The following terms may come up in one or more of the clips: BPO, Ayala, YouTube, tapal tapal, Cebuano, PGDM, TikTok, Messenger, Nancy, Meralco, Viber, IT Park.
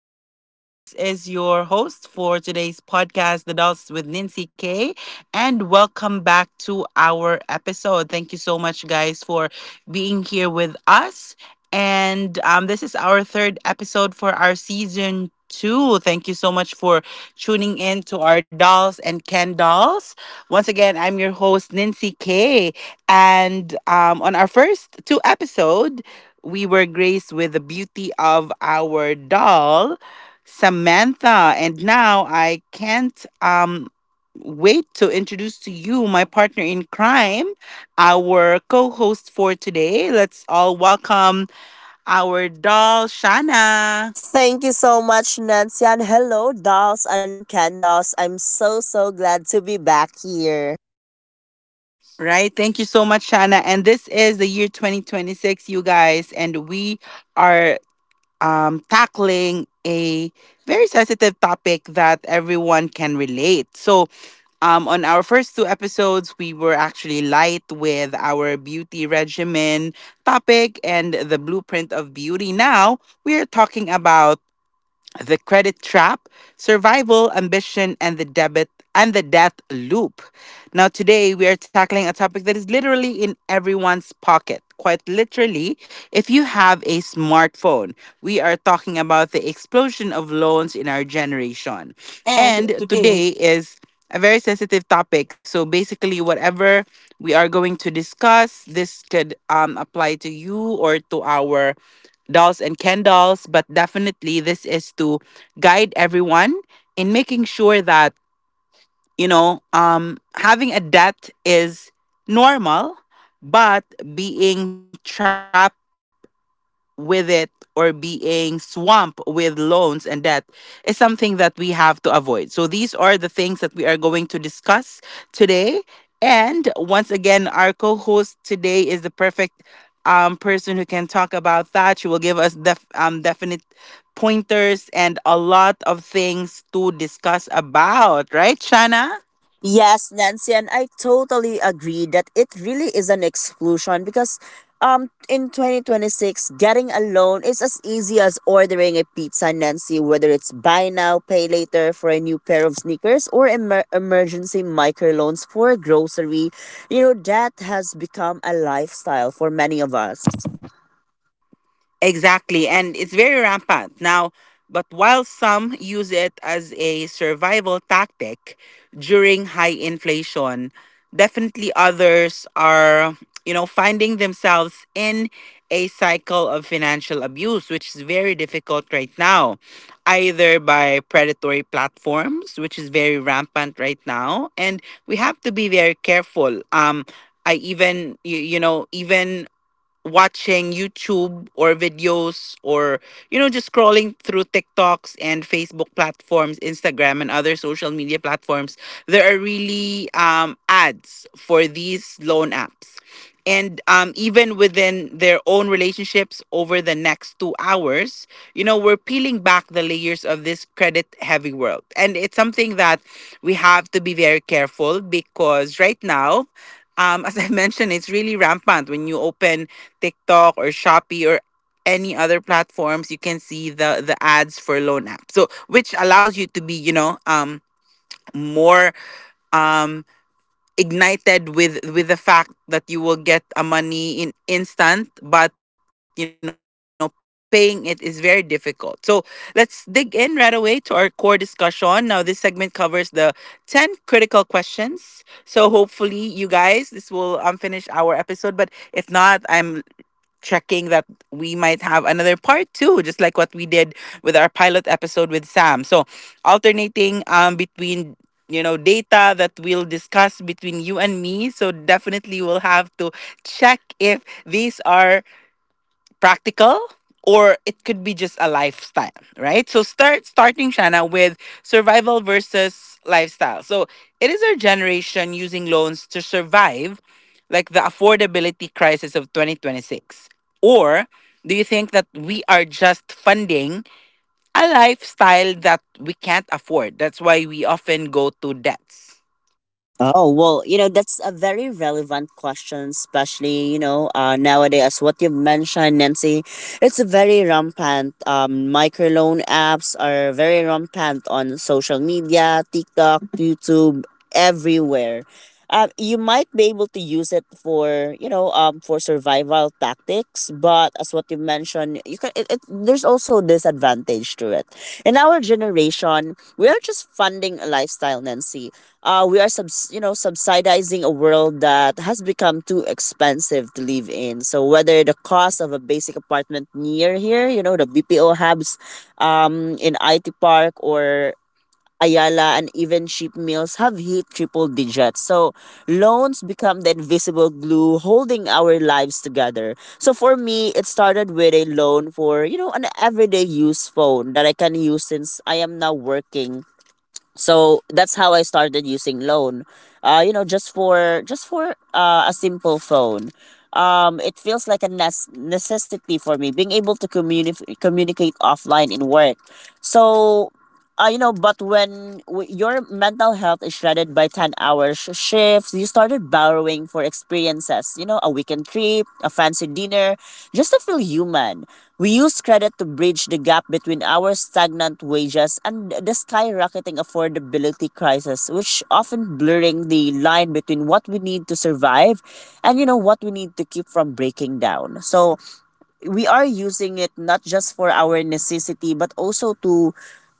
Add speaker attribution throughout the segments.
Speaker 1: Good day. This is your host for today's podcast, The Dolls with Nancy K. And welcome back to our episode. Thank you so much, guys, for being here with us. And This is our third episode for our season two. Thank you so much for tuning in to our dolls and Ken dolls. Once again, I'm your host, Nancy K. And On our first two episodes, we were graced with the beauty of our doll, Samantha. And now I can't wait to introduce to you my partner in crime, our co host for today. Let's all welcome our doll, Shana.
Speaker 2: Thank you so much, Nancy, and hello, dolls and candles. I'm so glad to be back here.
Speaker 1: Right. Thank you so much, Shana. And this is the year 2026, you guys. And we are tackling a very sensitive topic that everyone can relate. So on our first two episodes, we were actually light with our beauty regimen topic and the blueprint of beauty. Now, we are talking about the credit trap, survival, ambition, and the debit and the death loop. Now, today we are tackling a topic that is literally in everyone's pocket. Quite literally, if you have a smartphone, we are talking about the explosion of loans in our generation.
Speaker 2: And
Speaker 1: And
Speaker 2: today,
Speaker 1: today is a very sensitive topic. So basically, whatever we are going to discuss, this could apply to you or to our dolls and Ken dolls, but definitely this is to guide everyone in making sure that, you know, having a debt is normal, but being trapped with it or being swamped with loans and debt is something that we have to avoid. So these are the things that we are going to discuss today. And once again, our co-host today is the perfect person who can talk about that. She will give us definite pointers and a lot of things to discuss about, right, Shana?
Speaker 2: yes, Nancy, and I totally agree that it really is an exclusion because in 2026, getting a loan is as easy as ordering a pizza, Nancy, whether it's buy now, pay later for a new pair of sneakers or emergency microloans for grocery. You know, that has become a lifestyle for many of us.
Speaker 1: Exactly, and it's very rampant. Now, but while some use it as a survival tactic during high inflation, definitely others are, you know, finding themselves in a cycle of financial abuse, which is very difficult right now, either by predatory platforms, which is very rampant right now, and we have to be very careful. I even you know, even watching YouTube or videos, or you know, just scrolling through TikToks and Facebook platforms, Instagram and other social media platforms, there are really ads for these loan apps. And Even within their own relationships over the next 2 hours, you know, we're peeling back the layers of this credit heavy world. And it's something that we have to be very careful because right now, as I mentioned, it's really rampant when you open TikTok or Shopee or any other platforms, you can see the ads for loan apps. So, which allows you to be, you know, more um ignited with the fact that you will get a money in instant, but you know, paying it is very difficult. So let's dig in right away to our core discussion. Now, this segment covers the 10 critical questions, so hopefully, you guys, this will finish our episode, but if not, I'm checking that we might have another part two, just like what we did with our pilot episode with Sam. So, alternating between, you know, data that we'll discuss between you and me. So definitely we'll have to check if these are practical or it could be just a lifestyle, right? So starting, Shana, with survival versus lifestyle. So, it is our generation using loans to survive like the affordability crisis of 2026, or do you think that we are just funding a lifestyle that we can't afford? That's why we often go to debts.
Speaker 2: Oh, well, you know, that's a very relevant question, especially, nowadays, what you've mentioned, Nancy, it's a very rampant. Microloan apps are very rampant on social media, TikTok, YouTube, everywhere. You might be able to use it for for survival tactics, but as what you mentioned, it there's also disadvantage to it. In our generation, we are just funding a lifestyle, Nancy. We are subsidizing a world that has become too expensive to live in. So whether the cost of a basic apartment near here, you know, the BPO hubs in IT Park or Ayala, and even cheap meals have hit triple digits. So loans become the invisible glue holding our lives together. So for me, it started with a loan for, you know, an everyday use phone that I can use since I am now working. So that's how I started using loan. You know, just for a simple phone. It feels like a necessity for me, being able to communicate offline in work. So you know, but when your mental health is shredded by 10-hour shifts, you started borrowing for experiences, you know, a weekend trip, a fancy dinner, just to feel human. We use credit to bridge the gap between our stagnant wages and the skyrocketing affordability crisis, which often blurring the line between what we need to survive and, you know, what we need to keep from breaking down. So we are using it not just for our necessity, but also to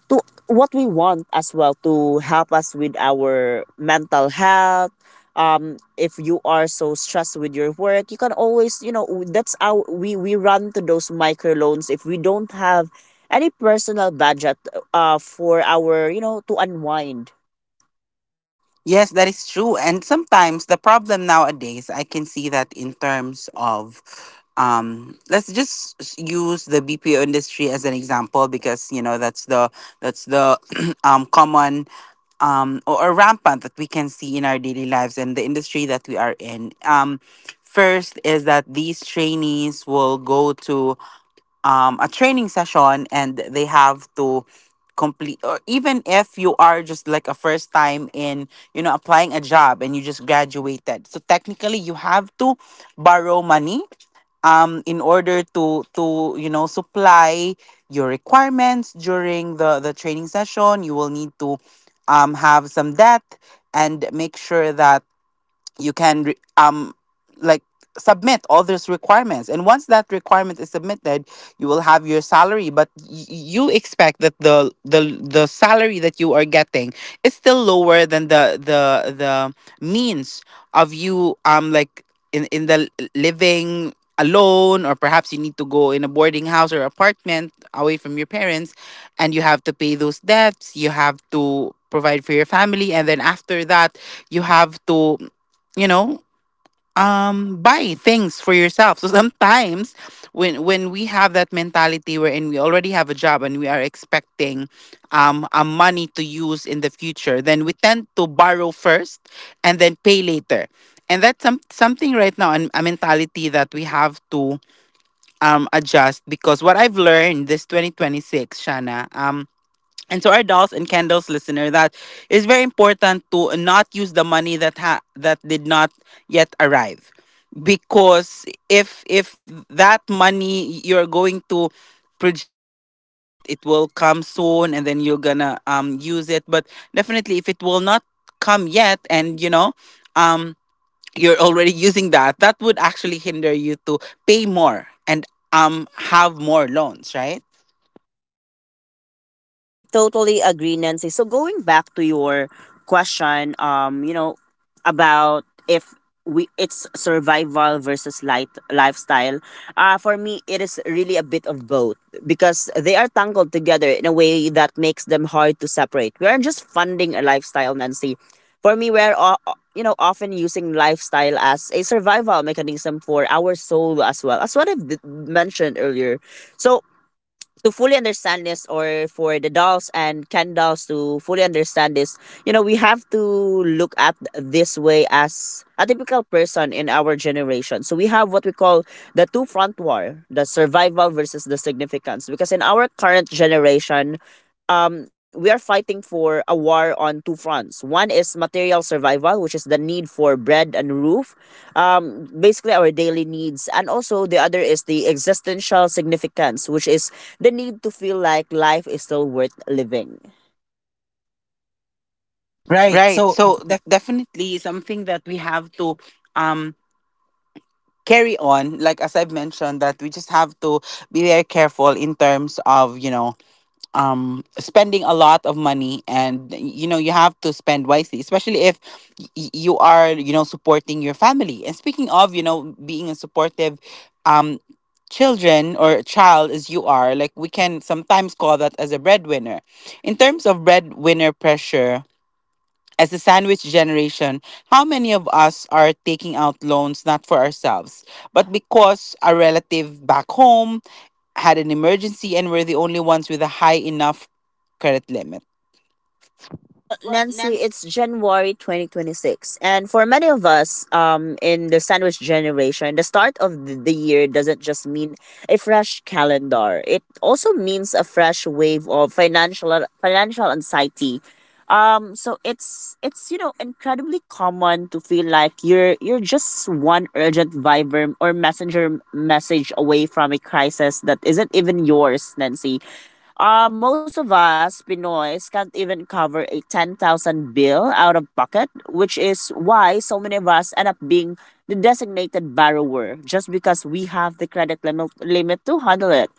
Speaker 2: to what we want as well, to help us with our mental health. If you are so stressed with your work, you can always, you know, that's how we run to those microloans if we don't have any personal budget, for our, you know, to unwind.
Speaker 1: Yes, that is true. And sometimes the problem nowadays, I can see that in terms of, let's just use the BPO industry as an example, because you know that's the common or rampant that we can see in our daily lives and the industry that we are in. First is that these trainees will go to a training session and they have to complete. Or even if you are just like a first time in, you know, applying a job and you just graduated, so technically you have to borrow money in order to you know, supply your requirements during the training session. You will need to have some debt and make sure that you can like submit all those requirements, and once that requirement is submitted, you will have your salary. But you expect that the salary that you are getting is still lower than the means of you, like in living alone, or perhaps you need to go in a boarding house or apartment away from your parents, and you have to pay those debts, you have to provide for your family, and then after that you have to, you know, buy things for yourself. So sometimes, when we have that mentality wherein we already have a job and we are expecting a money to use in the future, then we tend to borrow first and then pay later. And that's something right now, a mentality that we have to adjust. Because what I've learned this 2026, Shana, and to our dolls and candles listener, that is very important: to not use the money that that did not yet arrive. Because if that money you're going to project that, you know, it will come soon, and then you're gonna use it, but definitely if it will not come yet, and you know, um you're already using that, that would actually hinder you to pay more and have more loans, right?
Speaker 2: I totally agree, Nancy. So going back to your question, you know, about if we it's survival versus light lifestyle. For me, it is really a bit of both because they are tangled together in a way that makes them hard to separate. We aren't just funding a lifestyle, Nancy. For me, you know, often using lifestyle as a survival mechanism for our soul as well, as what I've mentioned earlier. So to fully understand this, or for the dolls and Ken dolls to fully understand this, you know, we have to look at this way as a typical person in our generation. So we have what we call the two front war, the survival versus the significance. Because in our current generation, we are fighting for a war on two fronts. One is material survival, which is the need for bread and roof, basically our daily needs. And also the other is the existential significance, which is the need to feel like life is still worth living. Right.
Speaker 1: Right.
Speaker 2: So
Speaker 1: So definitely something that we have to um carry on. Like as I've mentioned, that we just have to be very careful in terms of, you know, spending a lot of money. And you know, you have to spend wisely, especially if you are, you know, supporting your family. And speaking of, you know, being a supportive um children or child, as you are, like, we can sometimes call that as a breadwinner. In terms of breadwinner pressure as the sandwich generation, how many of us are taking out loans not for ourselves, but because a relative back home had an emergency and we're the only ones with a high enough credit limit?
Speaker 2: well, Nancy, it's January 2026. And for many of us in the sandwich generation, the start of the year doesn't just mean a fresh calendar, it also means a fresh wave of financial anxiety. So it's you know incredibly common to feel like you're just one urgent Viber or messenger message away from a crisis that isn't even yours, Nancy. Most of us Pinoys can't even cover a 10,000 bill out of pocket, which is why so many of us end up being the designated borrower just because we have the credit limit to handle it.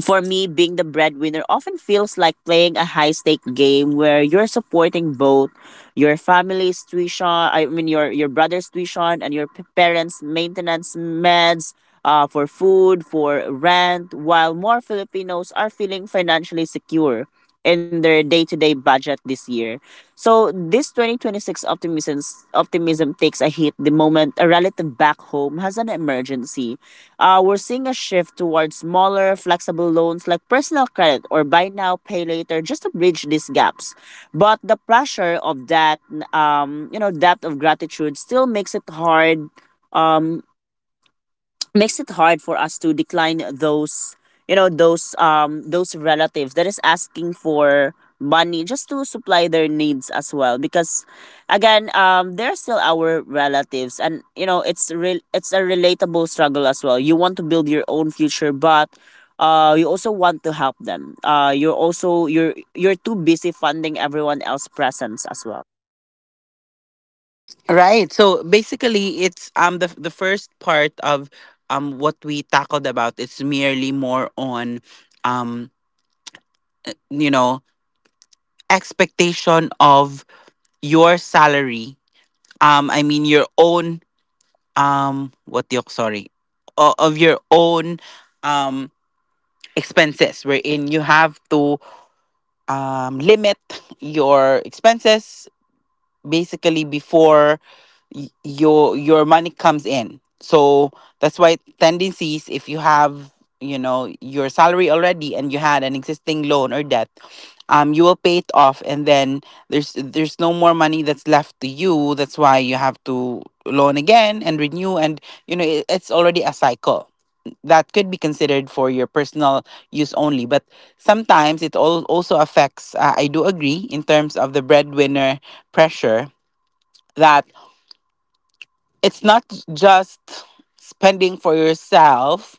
Speaker 2: For me, being the breadwinner often feels like playing a high stake game where you're supporting both I mean your brother's tuition and your parents' maintenance meds, for food, for rent, while more Filipinos are feeling financially secure in their day-to-day budget this year. So this 2026 optimism takes a hit the moment a relative back home has an emergency. We're seeing a shift towards smaller, flexible loans like personal credit or buy now, pay later, just to bridge these gaps. But the pressure of that, you know, depth of gratitude still makes it hard. Um, Makes it hard for us to decline those, you know, those relatives that is asking for money just to supply their needs as well, because again, they're still our relatives, and you know it's real, it's a relatable struggle as well. You want to build your own future, but you also want to help them. Uh you're also you're you're too busy funding everyone else presence as well.
Speaker 1: Right. So basically, it's the first part of what we tackled about. It's merely more on um you know, expectation of your salary. I mean your own what the sorry, of your own um expenses, wherein you have to limit your expenses basically before your money comes in. So that's why tendencies, if you have, you know, your salary already and you had an existing loan or debt, you will pay it off, and then there's no more money that's left to you. That's why you have to loan again and renew, and you know it, it's already a cycle that could be considered for your personal use only. But sometimes it all also affects, I do agree in terms of the breadwinner pressure that it's not just spending for yourself,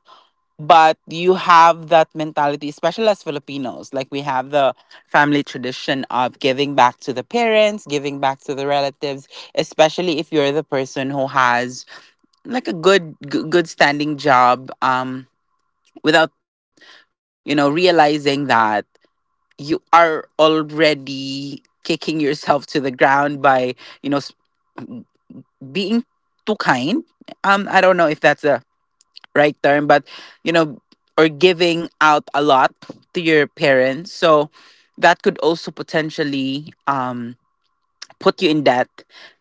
Speaker 1: but you have that mentality, especially as Filipinos, like we have the family tradition of giving back to the parents, giving back to the relatives, especially if you're the person who has, like, a good good standing job. Without, you know, realizing that you are already kicking yourself to the ground by, you know, being too kind. Um, I don't know if that's a right term, but you know, or giving out a lot to your parents. So that could also potentially put you in debt,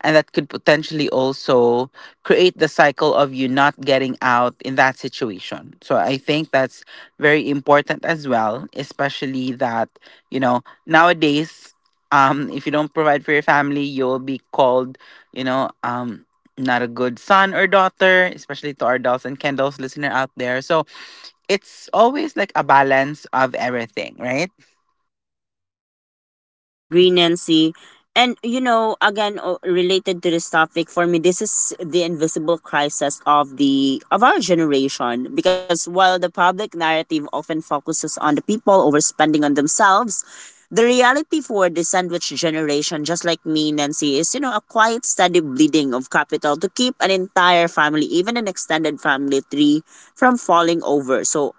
Speaker 1: and that could potentially also create the cycle of you not getting out in that situation. So I think that's very important as well, especially that, you know, nowadays, if you don't provide for your family, you'll be called, you know, not a good son or daughter, especially to our dolls and candles listener out there. So it's always like a balance of everything, right?
Speaker 2: I agree, Nancy. And you know, again, related to this topic, for me, this is the invisible crisis of the of our generation. Because while the public narrative often focuses on the people overspending on themselves, the reality for the sandwich generation, just like me, Nancy, is you know a quiet, steady bleeding of capital to keep an entire family, even an extended family tree, from falling over. So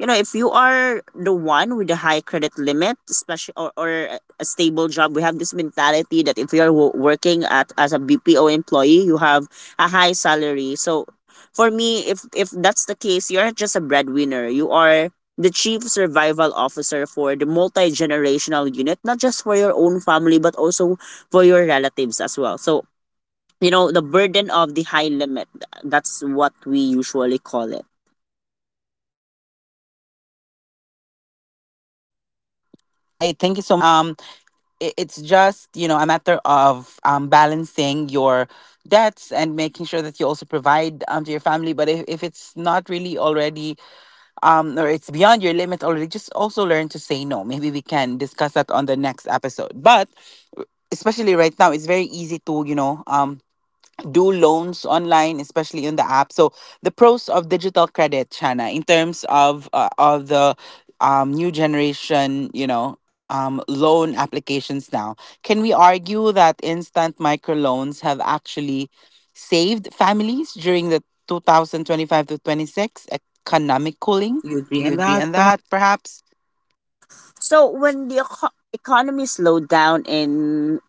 Speaker 2: you know, if you are the one with a high credit limit, especially, or a stable job, we have this mentality that if you're working at as a BPO employee, you have a high salary. So for me, if that's the case, you're not just a breadwinner. You are the chief survival officer for the multi-generational unit, not just for your own family, but also for your relatives as well. So, you know, the burden of the high limit, that's what we usually call it.
Speaker 1: Right, thank you so much, Shanna. So basically, it's just, you know, a matter of, balancing your debts and making sure that you also provide, to your family. But if it's not really already, or it's beyond your limit already, just also learn to say no. Maybe we can discuss that on the next episode. But especially right now, it's very easy to, you know, do loans online, especially on the app. So the pros of digital credit, Chana, in terms of the new generation, loan applications now. Can we argue that instant microloans have actually saved families during the 2025 to 26 economic cooling?
Speaker 2: Do you
Speaker 1: Do
Speaker 2: agree
Speaker 1: you
Speaker 2: on
Speaker 1: agree
Speaker 2: that?
Speaker 1: on that, perhaps?
Speaker 2: So when the economy slowed down in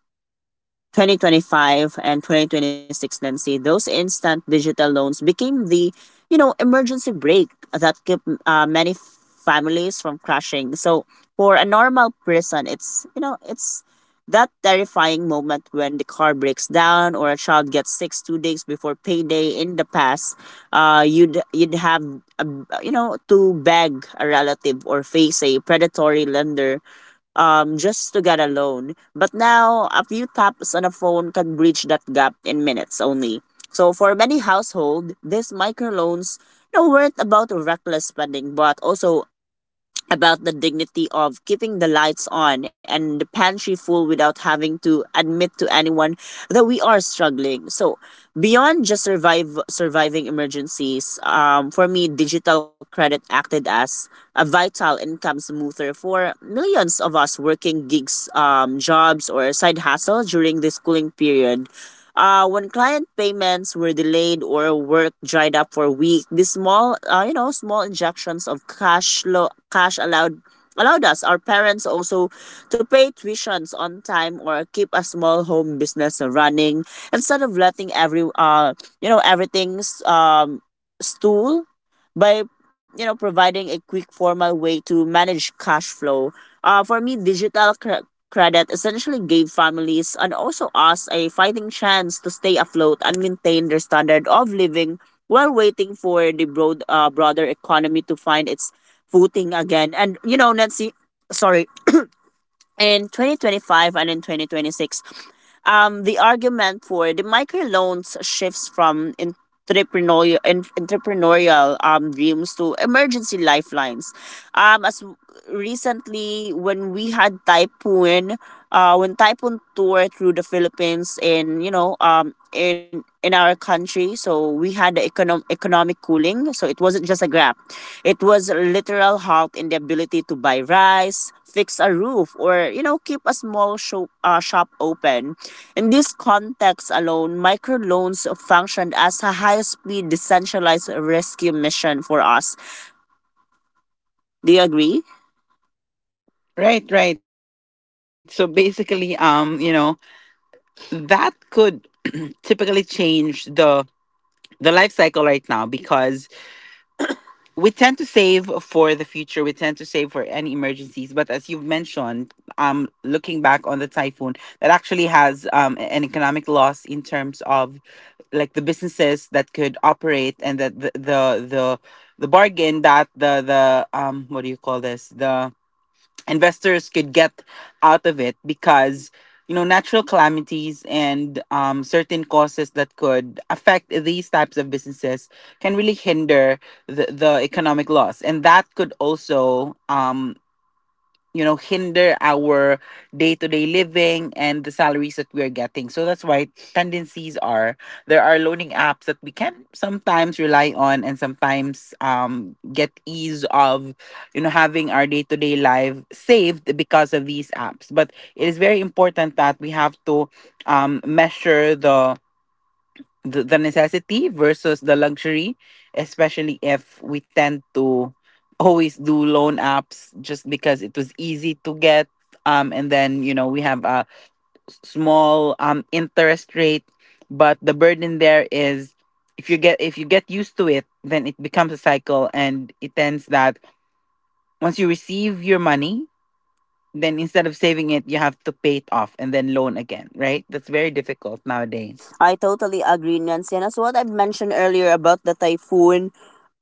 Speaker 2: 2025 and 2026, Nancy, those instant digital loans became the, you know, emergency brake that kept many families from crashing. So for a normal person, it's, you know, it's that terrifying moment when the car breaks down or a child gets sick 2 days before payday. In the past uh, you'd have a, you know, to beg a relative or face a predatory lender, just to get a loan. But now, a few taps on a phone can bridge that gap in minutes only. So for many household, these microloans, you know, weren't about reckless spending, but also about the dignity of keeping the lights on and the pantry full without having to admit to anyone that we are struggling. So, beyond just survive surviving emergencies, for me, digital credit acted as a vital income smoother for millions of us working gigs, jobs, or side hustle during this cooling period. When client payments were delayed or work dried up for a week, these small, you know, small injections of cash, cash allowed us, our parents also, to pay tuitions on time or keep a small home business running instead of letting every, you know, everything's stool by, you know, providing a quick formal way to manage cash flow. For me, digital credit essentially gave families and also us a fighting chance to stay afloat and maintain their standard of living while waiting for the broader economy to find its footing again. And you know, Nancy, sorry, in 2025 and in 2026, the argument for the microloans shifts from entrepreneurial dreams to emergency lifelines. As recently when we had typhoon, when typhoon toured through the Philippines, in you know in our country, so we had the economic cooling. So it wasn't just a grab, it was a literal halt in the ability to buy rice, fix a roof, or you know keep a small shop open. In this context alone, microloans functioned as a high-speed decentralized rescue mission for us. Do you agree?
Speaker 1: Right, right. So basically, that could typically change the life cycle right now because we tend to save for the future, we tend to save for any emergencies. But as you've mentioned, looking back on the typhoon, that actually has an economic loss in terms of like the businesses that could operate, and that the, the bargain that the what do you call this, the investors could get out of it, because you know, natural calamities and certain causes that could affect these types of businesses can really hinder the economic loss. And that could also you know, hinder our day-to-day living and the salaries that we are getting. So that's why tendencies are, there are loaning apps that we can sometimes rely on, and sometimes get ease of, you know, having our day-to-day life saved because of these apps. But it is very important that we have to measure the necessity versus the luxury, especially if we tend to always do loan apps just because it was easy to get. And then you know, we have a small interest rate, but the burden there is, if you get, if you get used to it, then it becomes a cycle. And it tends that once you receive your money, then instead of saving it, you have to pay it off and then loan again, right? That's very difficult nowadays.
Speaker 2: I totally agree, Nancy. And as what I've mentioned earlier about the typhoon,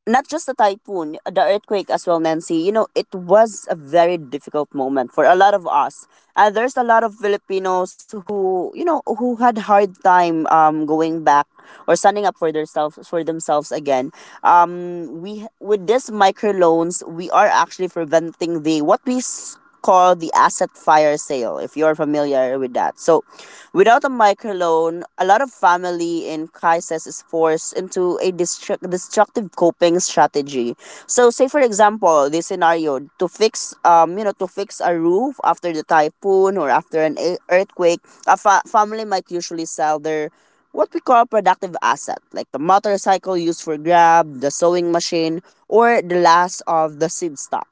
Speaker 2: not just the typhoon, the earthquake as well, Nancy. You know, it was a very difficult moment for a lot of us. There's a lot of Filipinos who, you know, who had hard time going back or standing up for themselves again. We with these microloans, we are actually preventing the what we call the asset fire sale. If you're familiar with that, so without a microloan, a lot of family in crisis is forced into a destructive coping strategy. So, say for example, this scenario to fix, to fix a roof after the typhoon or after an earthquake, a family might usually sell their what we call productive asset, like the motorcycle used for grab, the sewing machine, or the last of the seed stock.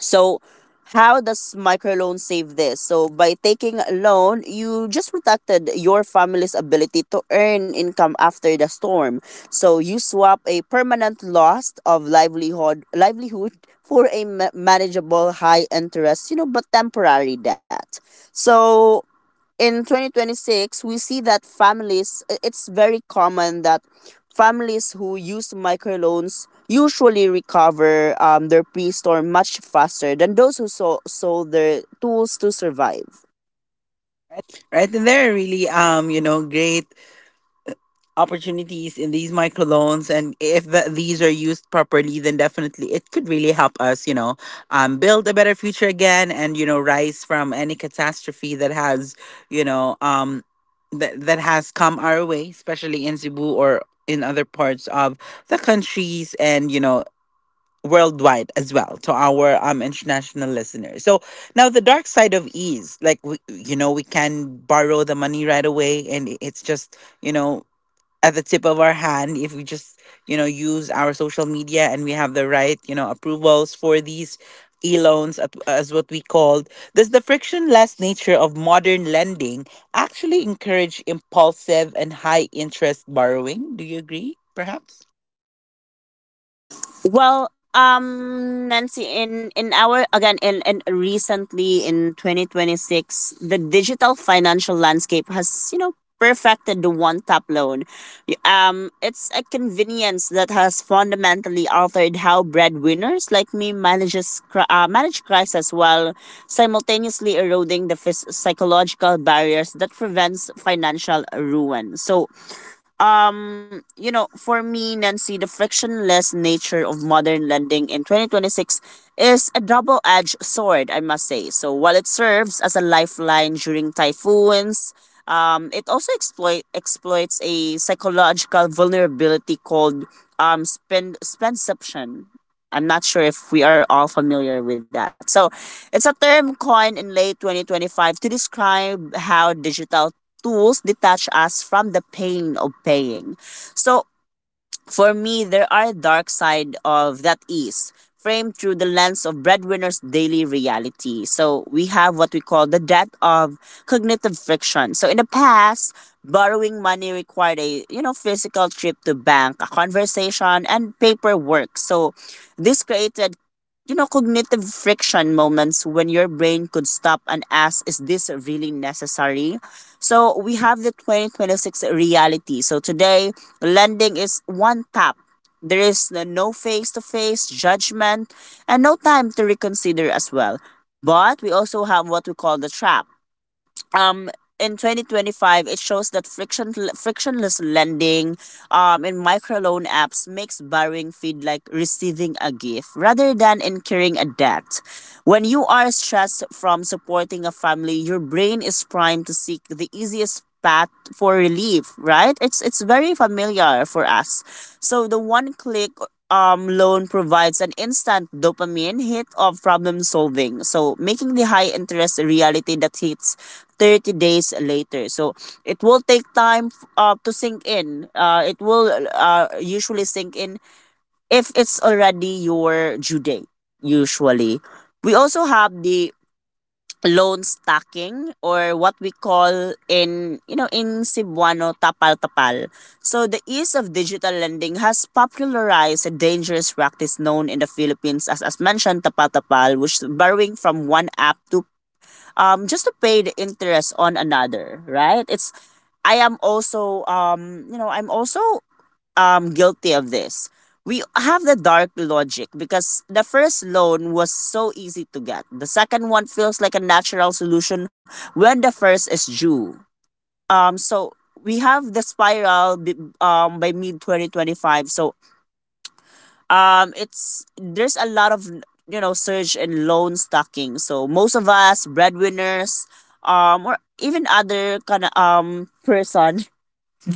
Speaker 2: So, how does microloan save this? So, by taking a loan, you just protected your family's ability to earn income after the storm. So, you swap a permanent loss of livelihood for a manageable high interest, but temporary debt. So, in 2026 we see that families it's very common that families who use microloans usually recover their pre-storm much faster than those who sold their tools to survive.
Speaker 1: Right, and there are really, you know, great opportunities in these microloans, and if these are used properly, then definitely it could really help us, you know, build a better future again, and you know, rise from any catastrophe that has, you know, that has come our way, especially in Cebu or in other parts of the countries, and you know, worldwide as well, to our international listeners. So now the dark side of ease, like we, you know, we can borrow the money right away, and it's just, you know, at the tip of our hand, if we just, you know, use our social media and we have the right, you know, approvals for these as what we called. Does the frictionless nature of modern lending actually encourage impulsive and high interest borrowing? Do you agree perhaps?
Speaker 2: Well, Nancy, in our again in recently in 2026, the digital financial landscape has, you know, perfected the one tap loan. It's a convenience that has fundamentally altered how breadwinners like me manages manage crisis while simultaneously eroding the psychological barriers that prevents financial ruin. So you know, for me, Nancy, the frictionless nature of modern lending in 2026 is a double-edged sword, I must say. So while it serves as a lifeline during typhoons, it also exploits a psychological vulnerability called spendception. I'm not sure if we are all familiar with that. So, it's a term coined in late 2025 to describe how digital tools detach us from the pain of paying. So, for me, there are dark side of that is framed through the lens of breadwinner's daily reality. So we have what we call the death of cognitive friction. So in the past, borrowing money required a, you know, physical trip to bank, a conversation, and paperwork. So this created, you know, cognitive friction moments when your brain could stop and ask, is this really necessary? So we have the 2026 reality. So today, lending is one tap. There is no face to face judgment and no time to reconsider as well. But we also have what we call the trap. um in 2025 it shows that frictionless lending in microloan apps makes borrowing feel like receiving a gift rather than incurring a debt. When you are stressed from supporting a family, your brain is primed to seek the easiest path for relief, right? It's very familiar for us. So the one click loan provides an instant dopamine hit of problem solving, so making the high interest a reality that hits 30 days later. So it will take time to sink in. It will, usually sink in if it's already your due date, usually. We also have the loan stacking, or what we call in, you know, in Cebuano tapal tapal. So the ease of digital lending has popularized a dangerous practice known in the Philippines as mentioned, tapal tapal, which is borrowing from one app to just to pay the interest on another, right? It's, I am also, you know, I'm also guilty of this. We have the dark logic because the first loan was so easy to get. The second one feels like a natural solution when the first is due. So we have the spiral by mid 2025. So it's there's a lot of, you know, surge in loan stocking. So most of us breadwinners or even other kind of person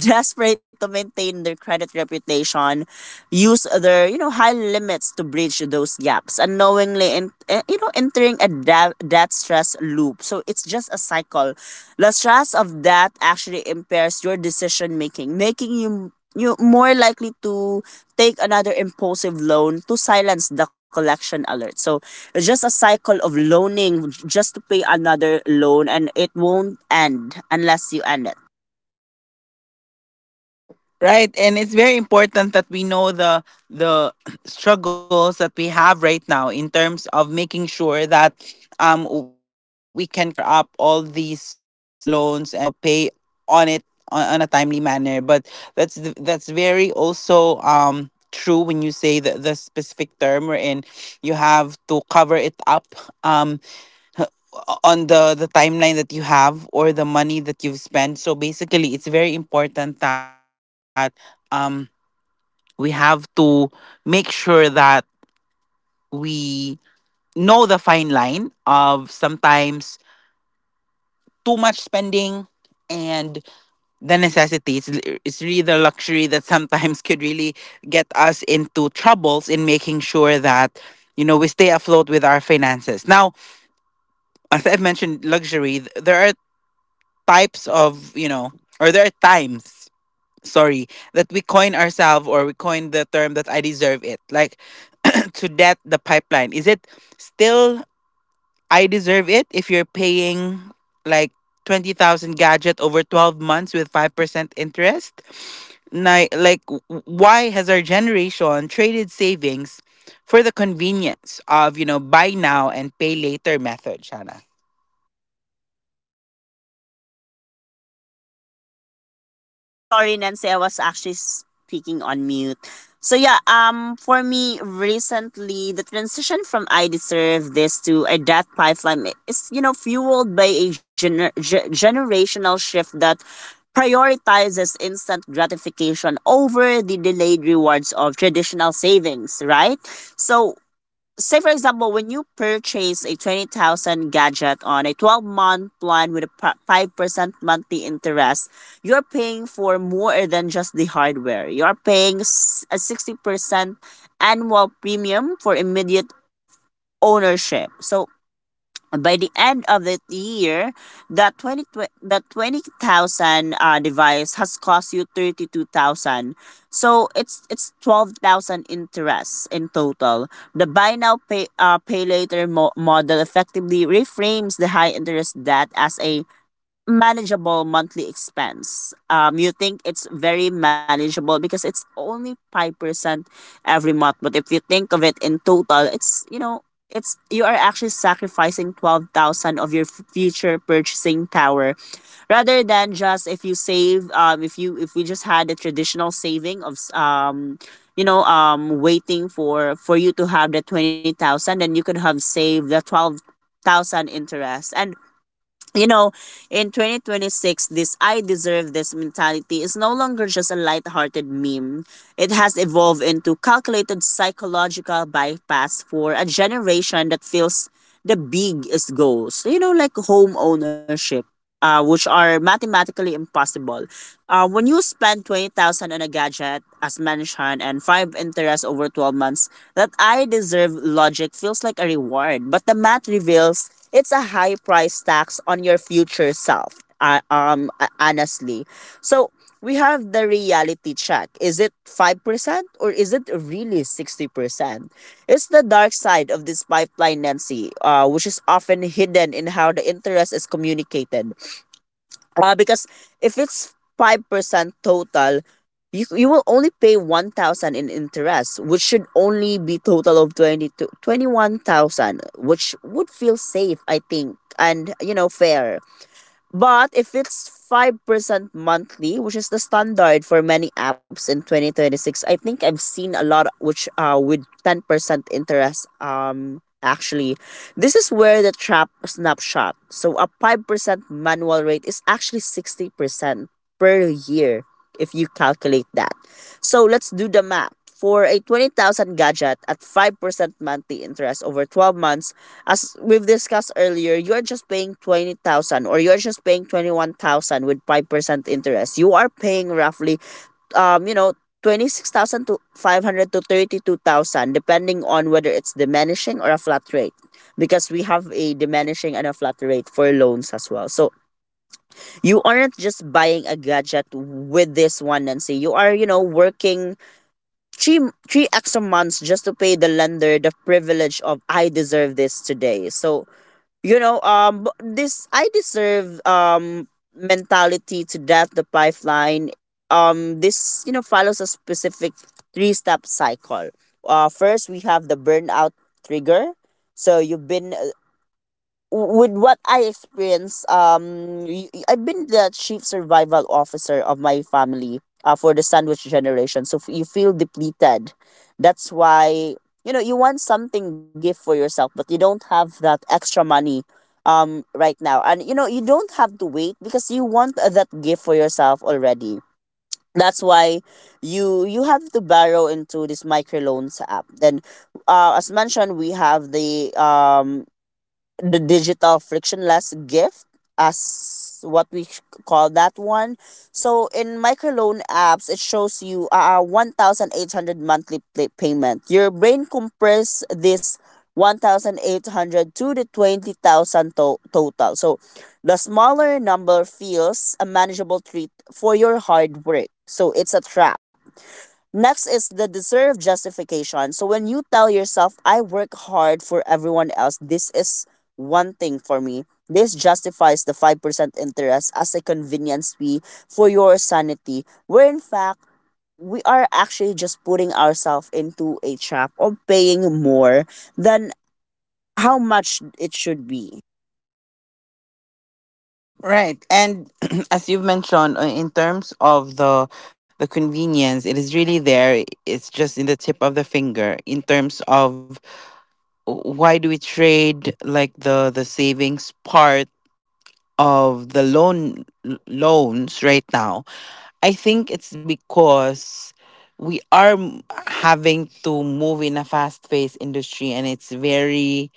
Speaker 2: desperate to maintain their credit reputation use their, you know, high limits to bridge those gaps unknowingly, and, you know, entering a debt stress loop. So it's just a cycle. The stress of debt actually impairs your decision making you more likely to take another impulsive loan to silence the collection alert. So it's just a cycle of loaning just to pay another loan, and it won't end unless you end it.
Speaker 1: Right, and it's very important that we know the struggles that we have right now in terms of making sure that we can cover up all these loans and you know, pay on it on a timely manner. But that's very also true when you say the specific term wherein you have to cover it up um on the timeline that you have or the money that you've spent. So basically, it's very important that. um we have to make sure that we know the fine line of sometimes too much spending and the necessity. It's really the luxury that sometimes could really get us into troubles, in making sure that, you know, we stay afloat with our finances. Now, as I've mentioned, luxury, there are types of, you know, or there are times, sorry, that we coin ourselves, or we coin the term that I deserve it. Like to that the pipeline, is it still I deserve it if you're paying like 20,000 gadget over 12 months with 5% interest? Why has our generation traded savings for the convenience of, you know, buy now and pay later method, Shana?
Speaker 2: Sorry, Nancy, I was actually speaking on mute. So yeah, for me recently, the transition from I deserve this to a death pipeline is, you know, fueled by a generational shift that prioritizes instant gratification over the delayed rewards of traditional savings, right? So, say for example, when you purchase a 20,000 gadget on a 12-month plan with a 5% monthly interest, you're paying for more than just the hardware. You're paying a 60% annual premium for immediate ownership. So by the end of the year, that 20, that 20,000 device has cost you 32,000. So it's 12,000 interest in total. The buy now pay later model effectively reframes the high interest debt as a manageable monthly expense. You think it's very manageable because it's only 5% every month. But if you think of it in total, it's, you know, it's you are actually sacrificing 12,000 of your future purchasing power rather than just if you save, if you if we just had a traditional saving of you know, waiting for you to have the 20,000, then you could have saved the 12,000 interest. And, you know, in 2026, this I deserve this mentality is no longer just a lighthearted meme. It has evolved into calculated psychological bypass for a generation that feels the big is goals, you know, like home ownership, which are mathematically impossible. When you spend 20,000 on a gadget, as mentioned, and five interest over 12 months, that I deserve logic feels like a reward. But the math reveals it's a high price tax on your future self, honestly. So we have the reality check. Is it 5% or is it really 60%? It's the dark side of this pipeline, Nancy, which is often hidden in how the interest is communicated. Because if it's 5% total, you will only pay 1000 in interest, which should only be total of 20 to 21,000, which would feel safe, I think, and, you know, fair. But if it's 5% monthly, which is the standard for many apps in 2026, I think I've seen a lot which with 10% interest actually, this is where the trap snapshot. So a 5% manual rate is actually 60% per year if you calculate that. So let's do the math. For a 20,000 gadget at 5% monthly interest over 12 months, as we've discussed earlier, you're just paying 20,000, or you're just paying 21,000 with 5% interest. You are paying roughly, you know, 26,000 to 500 to 32,000 depending on whether it's diminishing or a flat rate, because we have a diminishing and a flat rate for loans as well. So you aren't just buying a gadget with this one, Nancy. You are, you know, working three three extra months just to pay the lender the privilege of I deserve this today. So, you know, this I deserve mentality to that the pipeline. This, you know, follows a specific three step cycle. First we have the burnout trigger. So you've been with what I experienced, I've been the chief survival officer of my family, for the sandwich generation. So you feel depleted. That's why, you know, you want something gift for yourself, but you don't have that extra money right now. And, you know, you don't have to wait because you want, that gift for yourself already. That's why you have to borrow into this microloans app. Then, as mentioned, we have the digital frictionless gift, as what we call that one. So in microloan apps, it shows you a, 1,800 monthly payment. Your brain compress this 1,800 to the 20,000 total. So the smaller number feels a manageable treat for your hard work. So it's a trap. Next is the deserved justification. So when you tell yourself, I work hard for everyone else, this is one thing for me. This justifies the 5% interest as a convenience fee for your sanity, where in fact, we are actually just putting ourselves into a trap of paying more than how much it should be.
Speaker 1: Right, and as you've mentioned, in terms of the convenience, it is really there. It's just in the tip of the finger. In terms of why do we trade like the savings part of the loans right now? I think it's because we are m- having to move in a fast paced industry, and it's very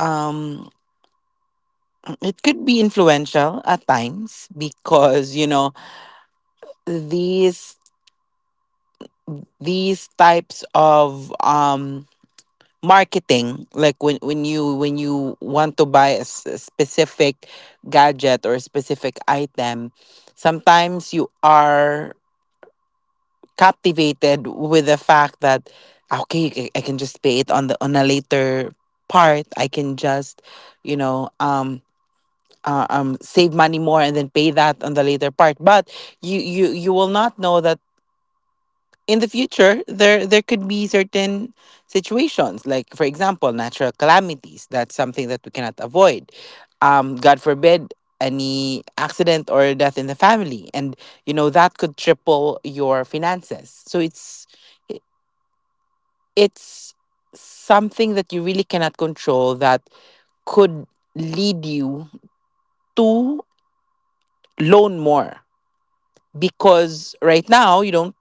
Speaker 1: um it could be influential at times, because you know, these, these types of marketing, like when you want to buy a specific gadget or a specific item, sometimes you are captivated with the fact that, okay, I can just pay it on a later part. I can just, you know, save money more and then pay that on the later part. But you you will not know that in the future there could be certain situations, like for example natural calamities, that's something that we cannot avoid. God forbid, any accident or death in the family, and you know, that could triple your finances. So i- it's something that you really cannot control, that could lead you to loan more. Because right now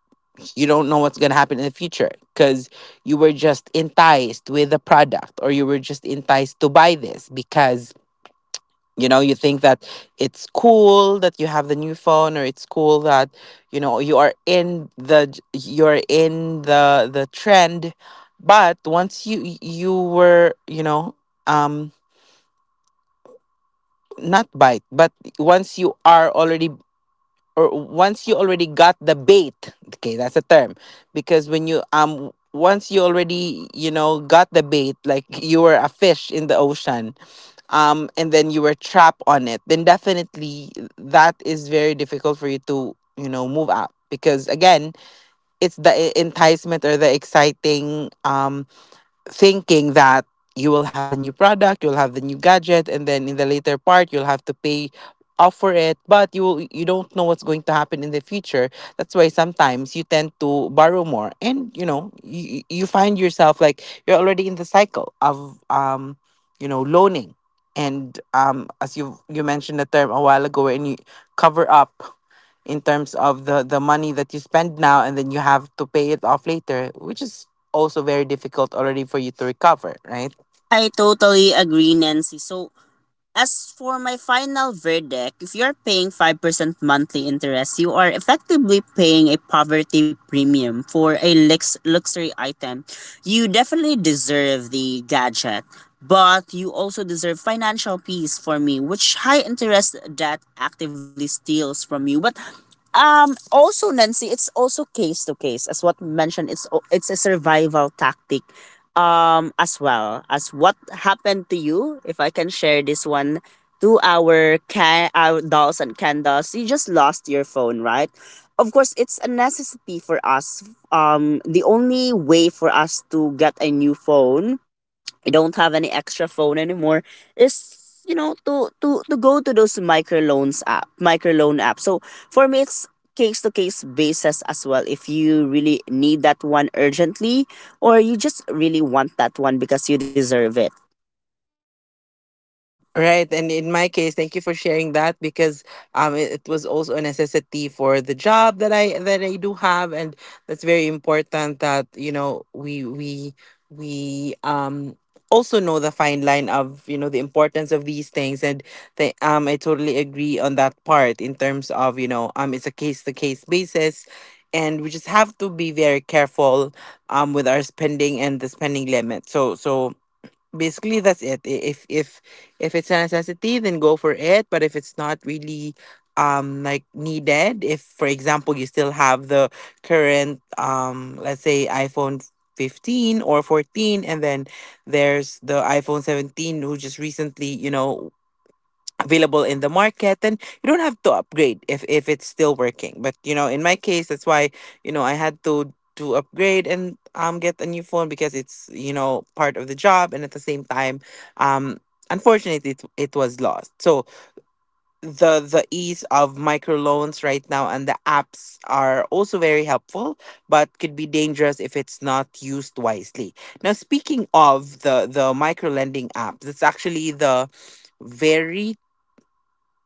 Speaker 1: you don't know what's going to happen in the future, because you were just enticed with the product, or you were just enticed to buy this because you know, you think that it's cool that you have the new phone, or it's cool that you know, you are in the you're in the trend. But once you were you know, um not bite, but once you are already, or once you already got the bait, okay that's a term. Because when you, once you already, you know, got the bait, like you were a fish in the ocean, and then you were trapped on it, then definitely that is very difficult for you to, you know, move out. Because again, it's the enticement, or the exciting thinking that you will have the new product, you'll have the new gadget, and then in the later part you'll have to pay off for it. But you don't know what's going to happen in the future. That's why sometimes you tend to borrow more, and you know, you find yourself like you're already in the cycle of, you know, loaning. And as you mentioned the term a while ago, and you cover up in terms of the money that you spend now, and then you have to pay it off later, which is also very difficult already for you to recover, right?
Speaker 2: I totally agree, Nancy. So as for my final verdict, if you're paying 5% monthly interest, you are effectively paying a poverty premium for a luxury item. You definitely deserve the gadget, but you also deserve financial peace for me, which high interest debt actively steals from you. But also, Nancy, it's also case to case, as what we mentioned. It's it's a survival tactic, as well. As what happened to you, if I can share this one to our can our dolls and candles, you just lost your phone, right? Of course, it's a necessity for us. The only way for us to get a new phone, I don't have any extra phone anymore, is, you know, to go to those microloan app. So for me, it's case to case basis as well. If you really need that one urgently, or you just really want that one because you deserve it.
Speaker 1: Right, and in my case, thank you for sharing that. Because it was also a necessity for the job that I do have. And that's very important that you know, we also know the fine line of, you know, the importance of these things. And I totally agree on that part, in terms of you know, it's a case to case basis, and we just have to be very careful with our spending and the spending limit. So, basically that's it. If it's a necessity, then go for it. But if it's not really, like, needed, if for example you still have the current, let's say, iphone 15 or 14, and then there's the iphone 17 who just recently, you know, available in the market, then you don't have to upgrade if it's still working. But you know, in my case, that's why, you know, I had to, upgrade and get a new phone, because it's, you know, part of the job. And at the same time, um unfortunately it was lost. So the ease of microloans right now and the apps are also very helpful, but could be dangerous if it's not used wisely. Now, speaking of the micro lending apps, it's actually the very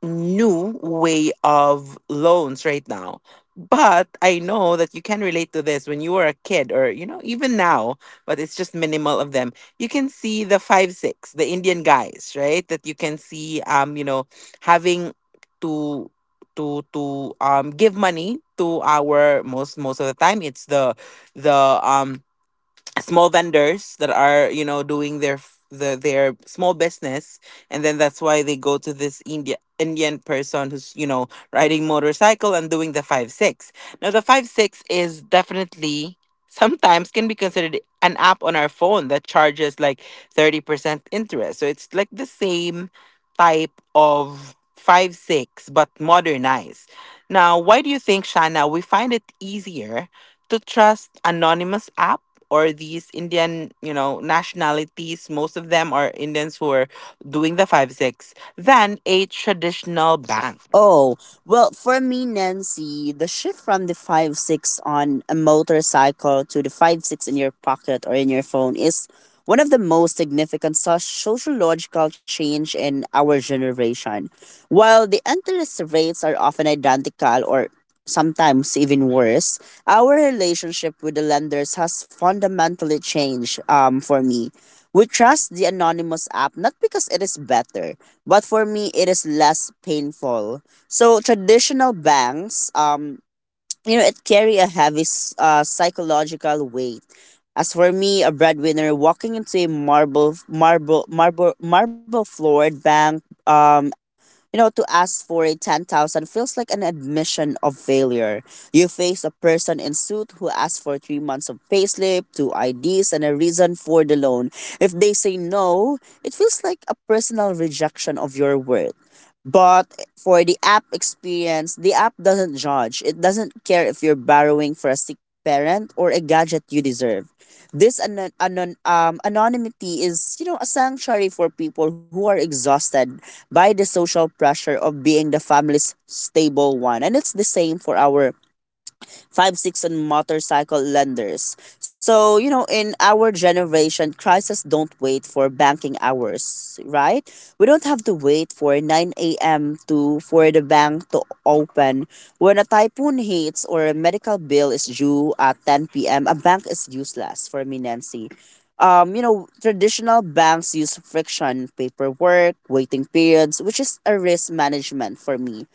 Speaker 1: new way of loans right now. But I know that you can relate to this when you were a kid, or, you know, even now, but it's just minimal of them. You can see the five, six, the Indian guys, right? That you can see, you know, having to to give money to our, most of the time it's the small vendors that are, you know, doing their small business. And then that's why they go to this indian person, who's, you know, riding motorcycle and doing the five six. Now the five six is definitely sometimes can be considered an app on our phone that charges like 30% interest. So it's like the same type of five six, but modernized. Now, why do you think, Shana, we find it easier to trust anonymous apps, or these Indian, you know, nationalities, most of them are Indians who are doing the five six, than a traditional bank.
Speaker 2: Oh, well, for me, Nancy, the shift from the five six on a motorcycle to the five six in your pocket or in your phone is one of the most significant sociological change in our generation. While the interest rates are often identical or sometimes even worse, our relationship with the lenders has fundamentally changed, for me. We trust the anonymous app not because it is better, but for me, it is less painful. So traditional banks, you know, it carry a heavy psychological weight. As for me, a breadwinner walking into a marble floored bank, you know, to ask for a 10,000 feels like an admission of failure. You face a person in suit who asks for 3 months of payslip, two IDs, and a reason for the loan. If they say no, it feels like a personal rejection of your worth. But for the app experience, the app doesn't judge. It doesn't care if you're borrowing for a sick parent or a gadget you deserve. This anonymity is, you know, a sanctuary for people who are exhausted by the social pressure of being the family's stable one. And it's the same for our five six and motorcycle lenders. So, you know, in our generation, crises don't wait for banking hours, right? We don't have to wait for 9 a.m. to for the bank to open. When a typhoon hits or a medical bill is due at 10 p.m., a bank is useless for me, Nancy. You know, traditional banks use friction, paperwork, waiting periods, which is a risk management for me,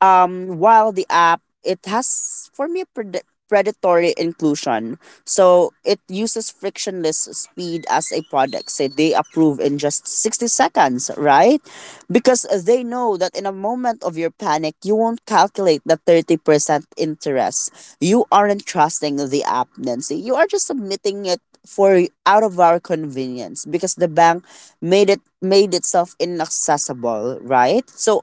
Speaker 2: while the app, it has for me a predatory inclusion. So it uses frictionless speed as a product. Say they approve in just 60 seconds, right? Because they know that in a moment of your panic, you won't calculate the 30% interest. You aren't trusting the app, Nancy. You are just submitting it for out of our convenience because the bank made itself inaccessible, right? So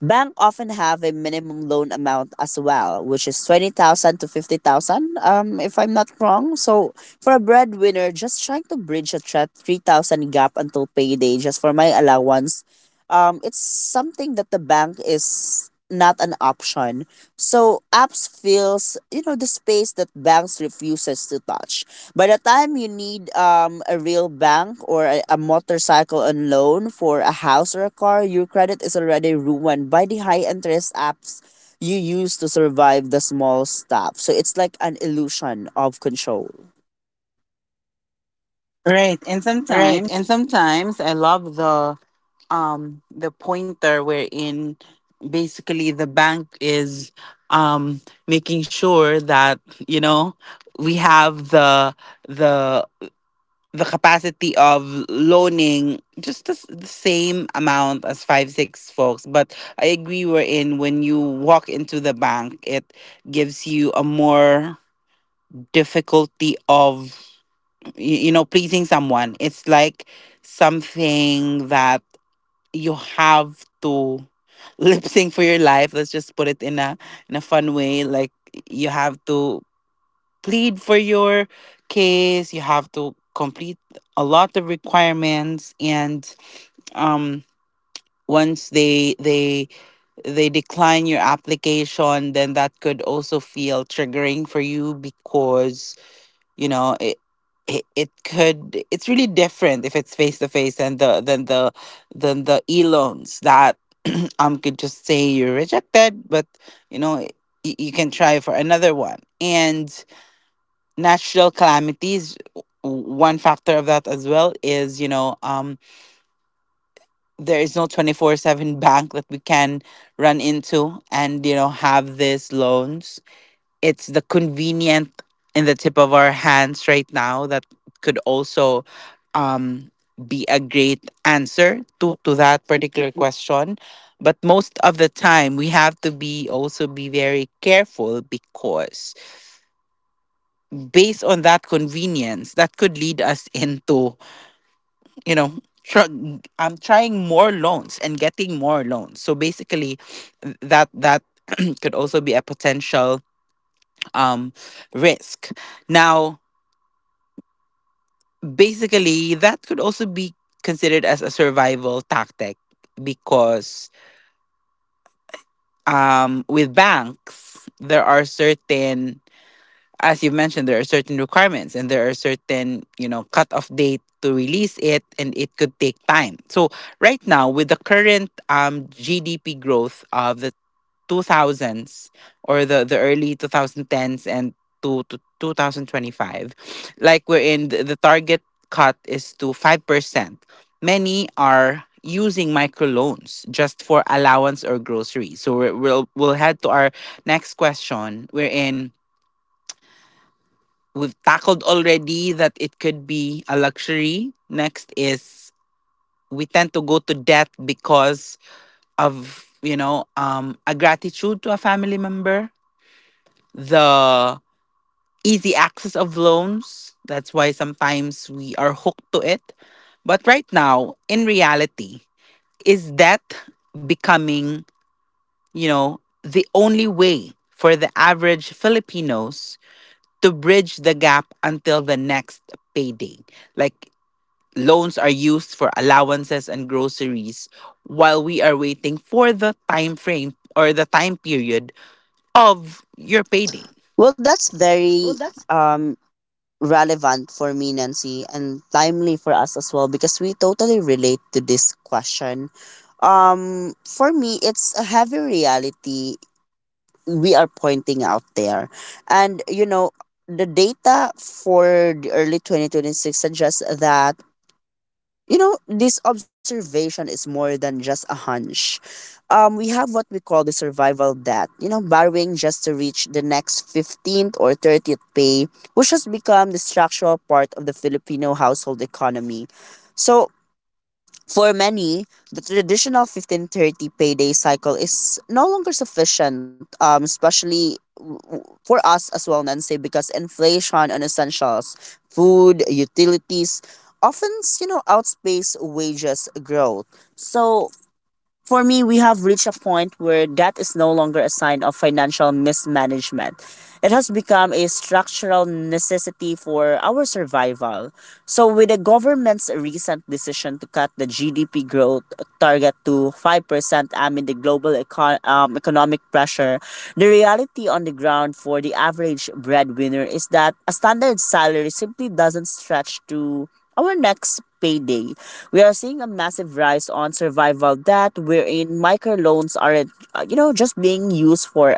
Speaker 2: bank often have a minimum loan amount as well, which is 20,000 to 50,000, if I'm not wrong. So for a breadwinner just trying to bridge a 3,000 gap until payday just for my allowance, it's something that the bank is not an option. So apps fills, you know, the space that banks refuses to touch. By the time you need, a real bank or a motorcycle on loan for a house or a car, your credit is already ruined by the high interest apps you use to survive the small stuff. So it's like an illusion of control. Right. And
Speaker 1: Right.
Speaker 2: sometimes,
Speaker 1: And sometimes I love the pointer wherein basically the bank is um making sure that, you know, we have the the capacity of loaning just the same amount as 5-6 folks. But I agree, we're in when you walk into the bank, it gives you a more difficulty of you, you know pleasing someone. It's like something that you have to lip sync for your life. Let's just put it in a fun way. Like, you have to plead for your case. You have to complete a lot of requirements, and um, once they decline your application, then that could also feel triggering for you because you know it. It could it's really different if it's face to face than the e loans that could just say you're rejected. But you know you can try for another one. And natural calamities, one factor of that as well is there is no 24/7 bank that we can run into and have these loans. It's the convenient in the tip of our hands right now that could also um be a great answer to that particular question. But most of the time, we have to be also be very careful, because based on that convenience, that could lead us into you know tr- am trying more loans and getting more loans. So basically that could also be a potential um risk now. Basically that could also be considered as a survival tactic, because with banks, there are certain, as you've mentioned, there are certain requirements and there are certain cutoff date to release it, and it could take time. So right now, with the current GDP growth of the 2000s, or the early 2010s, and to 2025, like we're in the target cut is to 5%. Many are using microloans just for allowance or groceries. So we'll head to our next question. We're in, we've tackled already that it could be a luxury. Next is, we tend to go to debt because of a gratitude to a family member, the easy access of loans. That's why sometimes we are hooked to it. But right now, in reality, is debt becoming the only way for the average Filipinos to bridge the gap until the next
Speaker 2: like,
Speaker 1: payday? Like, loans are used for allowances and groceries while we are waiting for the time frame or the time period of your payday.
Speaker 2: well, that's very
Speaker 1: Well, that's.
Speaker 2: um relevant for me, Nancy, and timely for us as well, because we totally relate to this question. For me, it's a heavy reality we are pointing out there. And you know, the data for the early 2026 suggests that, you know, this observation is more than just a hunch. We have what we call the survival debt, you know, borrowing just to reach the next 15th or 30th pay, which has become the structural part of the Filipino household economy. So for many, the traditional 1530 payday cycle is no longer sufficient, especially for us as well, Nancy, because inflation on essentials, food, utilities, often, you know, outpace wages growth. So for me, we have reached a point where that is no longer a sign of financial mismanagement. It has become a structural necessity for our survival. So, with the government's recent decision to cut the GDP growth target to 5% amid the global economic pressure, the reality on the ground for the average breadwinner is that a standard salary simply doesn't stretch to our next payday. We are seeing a massive rise on survival debt wherein microloans aren't, you know, just being used for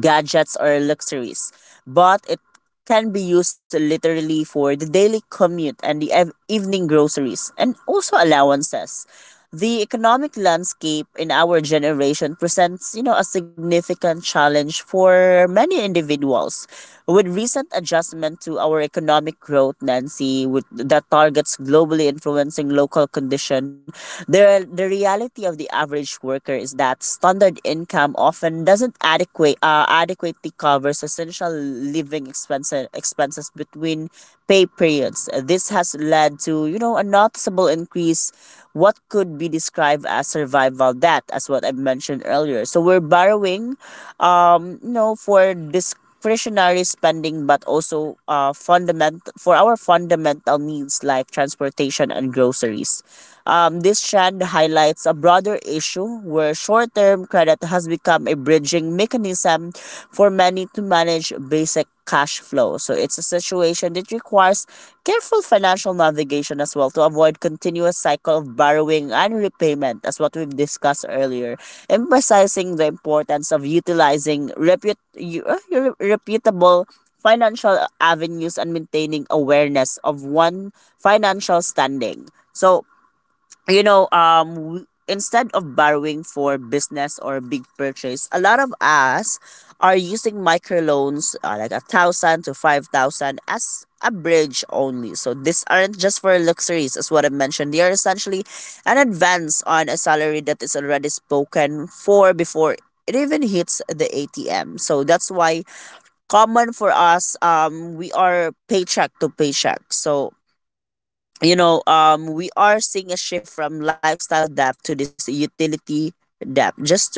Speaker 2: gadgets or luxuries, but it can be used literally for the daily commute and the evening groceries and also allowances. The economic landscape in our generation presents, you know, a significant challenge for many individuals. With recent adjustment to our economic growth, Nancy, with that targets globally influencing local condition, the reality of the average worker is that standard income often doesn't adequately covers essential living expenses between pay periods. This has led to, you know, a noticeable increase what could be described as survival debt, as what I've mentioned earlier. So we're borrowing, you know, for discretionary spending, but also fundament for our fundamental needs like transportation and groceries. This trend highlights a broader issue where short term credit has become a bridging mechanism for many to manage basic cash flow. So it's a situation that requires careful financial navigation as well to avoid continuous cycle of borrowing and repayment, as what we've discussed earlier, emphasizing the importance of utilizing reputable financial avenues and maintaining awareness of one financial standing. So you know, instead of borrowing for business or big purchase, a lot of us are using microloans, like 1,000 to 5,000, as a bridge only. So these aren't just for luxuries, as what I mentioned. They are essentially an advance on a salary that is already spoken for before it even hits the ATM. So that's why common for us, we are paycheck to paycheck. So you know, we are seeing a shift from lifestyle debt to this utility debt, just to,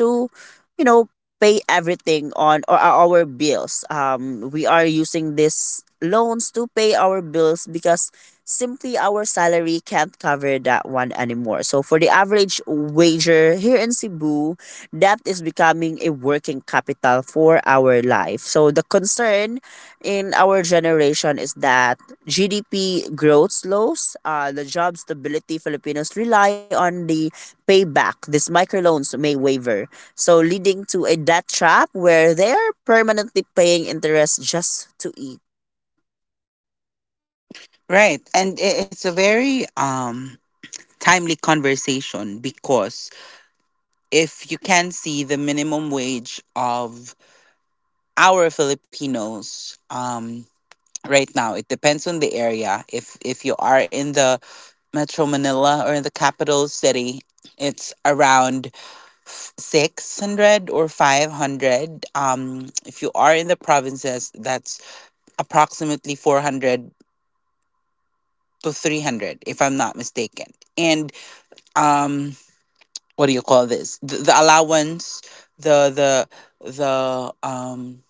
Speaker 2: you know, pay everything on or our bills. We are using these loans to pay our bills because simply our salary can't cover that one anymore. So for the average wager here in Cebu, that is becoming a working capital for our life. So the concern in our generation is that GDP growth slows, the job stability Filipinos rely on the payback. These microloans may waver, so leading to a debt trap where they're permanently paying interest just to eat.
Speaker 1: Right. And it's a very timely conversation, because if you can see the minimum wage of our Filipinos, right now it depends on the area. If you are in the Metro Manila or in the capital city, it's around 600 or 500. If you are in the provinces, that's approximately 400 to 300, if I'm not mistaken. And um, what do you call this? The allowance, the the the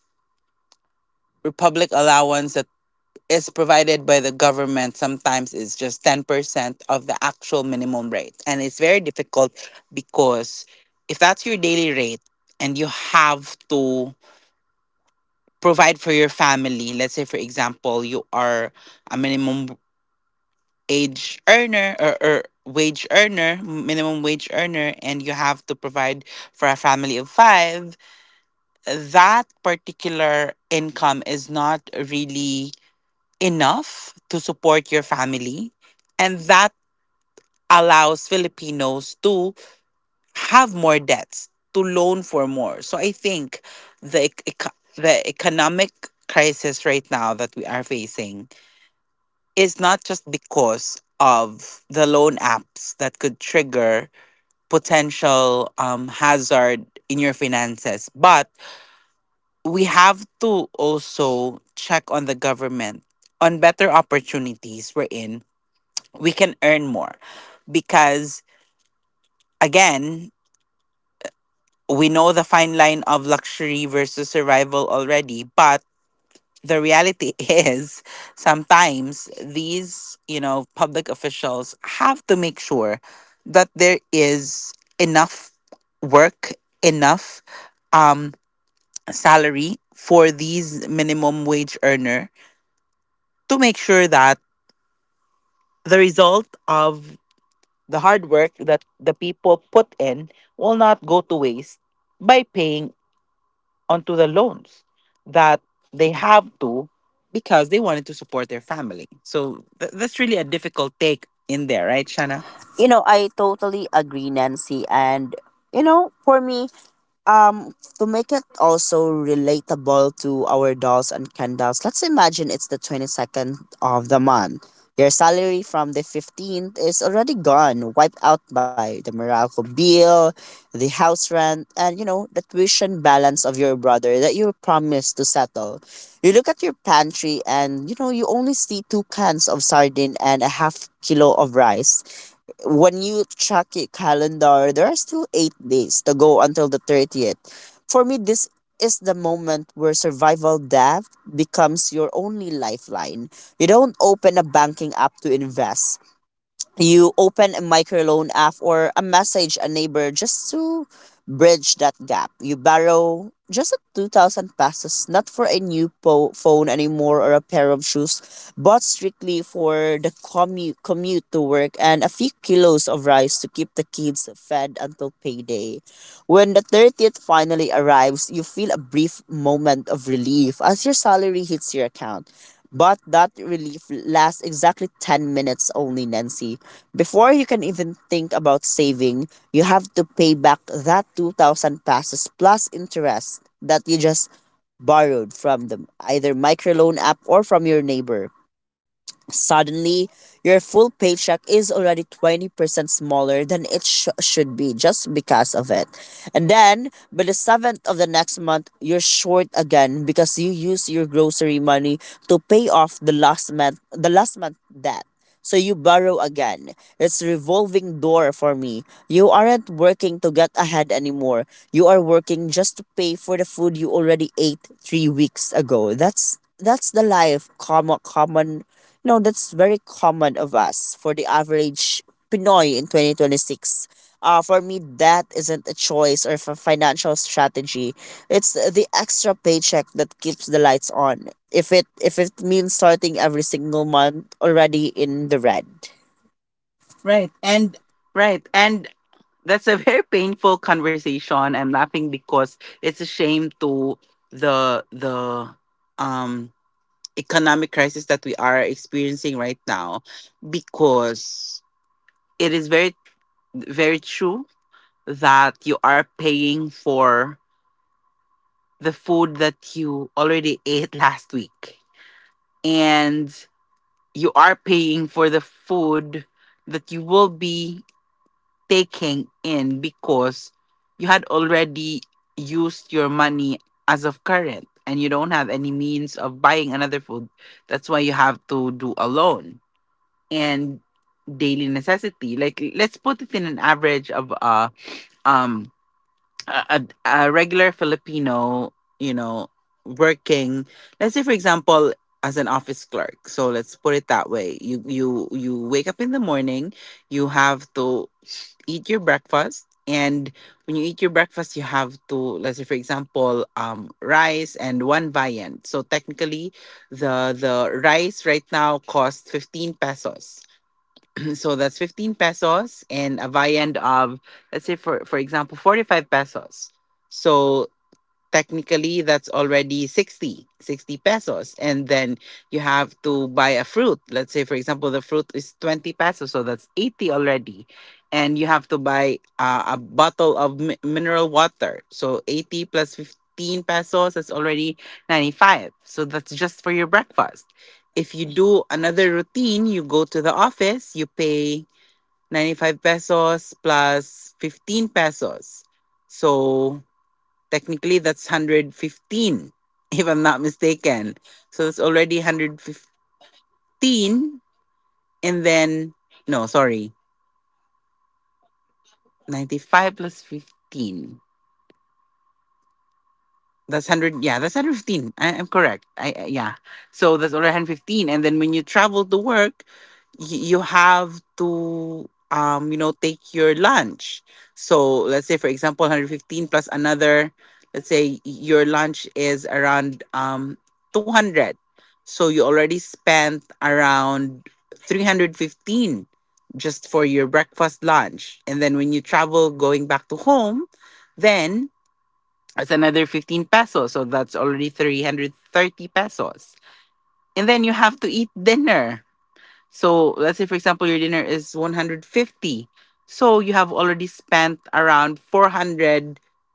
Speaker 1: republic allowance that is provided by the government sometimes is just 10% of the actual minimum rate. And it's very difficult, because if that's your daily rate and you have to provide for your family. Let's say, for example, you are a minimum age earner, or wage earner, minimum wage earner, and you have to provide for a family of five, that particular income is not really enough to support your family. And that allows Filipinos to have more debts, to loan for more. So I think the economic crisis right now that we are facing is not just because of the loan apps that could trigger potential hazard in your finances. But we have to also check on the government on better opportunities, we're in. We can earn more because, again, we know the fine line of luxury versus survival already. But the reality is, sometimes these public officials have to make sure that there is enough work, enough um salary for these minimum wage earner, to make sure that the result of the hard work that the people put in will not go to waste by paying onto the loans that they have to, because they wanted to support their family. So that's really a difficult take in there, right, Shana?
Speaker 2: You know, I totally agree, Nancy. And, you know, for me, to make it also relatable to our dolls and candles, let's imagine it's the 22nd of the month. Your salary from the 15th is already gone, wiped out by the Meralco bill, the house rent, and you know, the tuition balance of your brother that you promised to settle. You look at your pantry, and you know, you only see two cans of sardine and a half kilo of rice. When you check your calendar, there are still 8 days to go until the 30th. For me, this is the moment where survival debt becomes your only lifeline. You don't open a banking app to invest, you open a microloan app or a message a neighbor just to bridge that gap. You borrow just a 2,000 pesos, not for a new phone anymore or a pair of shoes, but strictly for the commute to work and a few kilos of rice to keep the kids fed until payday. When the 30th finally arrives, you feel a brief moment of relief as your salary hits your account. But that relief lasts exactly 10 minutes only, Nancy. Before you can even think about saving, you have to pay back that 2,000 passes plus interest that you just borrowed from the either microloan app or from your neighbor. Suddenly, your full paycheck is already 20% smaller than it should be just because of it. And then, by the 7th of the next month, you're short again because you use your grocery money to pay off the last month debt. So you borrow again. It's revolving door for me. You aren't working to get ahead anymore. You are working just to pay for the food you already ate 3 weeks ago. That's the life common common no, That's very common of us for the average Pinoy in 2026. For me, that isn't a choice or a financial strategy. It's the extra paycheck that keeps the lights on, if it means starting every single month already in the red. Right. And
Speaker 1: Right. And that's a very painful conversation. I'm laughing because it's a shame to the um economic crisis that we are experiencing right now, because it is very, very true that you are paying for the food that you already ate last week, and you are paying for the food that you will be taking in, because you had already used your money as of current and you don't have any means of buying another food. That's why you have to do a loan. And daily necessity, like, let's put it in an average of um a, a a regular Filipino, you know, working, let's say for example, as an office clerk. So let's put it that way. You wake up in the morning, you have to eat your breakfast. And when you eat your breakfast, you have to, let's say for example, rice and one viand. So technically the rice right now costs 15 pesos. So that's 15 pesos, and a viand of, let's say for example, 45 pesos. So technically that's already sixty pesos. And then you have to buy a fruit, let's say for example the fruit is 20 pesos, so that's 80 already. And you have to buy a bottle of mineral water. So 80 plus 15 pesos is already 95. So that's just for your breakfast. If you do another routine, you go to the office, you pay 95 pesos plus 15 pesos. So technically, that's 115, if I'm not mistaken. So it's already 115. And then, no, sorry, 95 plus 15. That's 100. Yeah, that's 115. I am correct. I yeah. So that's already 115. And then when you travel to work, you have to, take your lunch. So let's say, for example, 115 plus another. Let's say your lunch is around 200. So you already spent around 315 just for your breakfast lunch. And then when you travel going back to home, then that's another 15 pesos. So that's already 330 pesos. And then you have to eat dinner. So let's say, for example, your dinner is 150. So you have already spent around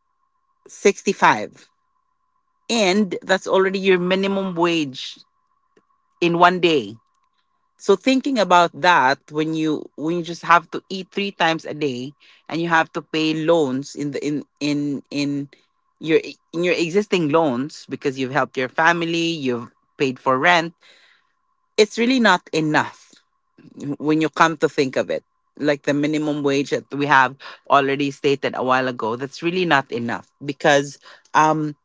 Speaker 1: 465. And that's already your minimum wage in one day. So thinking about that, when you just have to eat 3 times a day, and you have to pay loans in the your in your existing loans, because you've helped your family, you've paid for rent, it's really not enough when you come to think of it. Like the minimum wage that we have already stated a while ago, that's really not enough, because um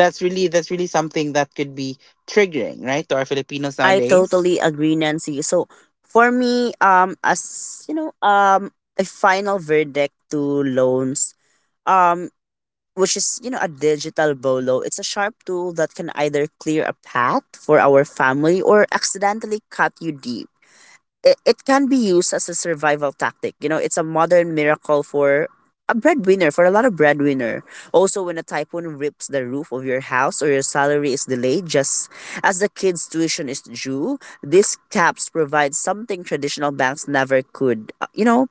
Speaker 1: that's really something that could be triggering, right, to our Filipinos
Speaker 2: I
Speaker 1: nowadays.
Speaker 2: totally agree, Nancy. So for me, as you know, a final verdict to loans. Um, which is, you know, a digital bolo. It's a sharp tool that can either clear a path for our family or accidentally cut you deep. It can be used as a survival tactic. You know, it's a modern miracle for a breadwinner, for a lot of breadwinner, also when a typhoon rips the roof of your house or your salary is delayed just as the kids tuition is due. These caps provide something traditional banks never could. You know,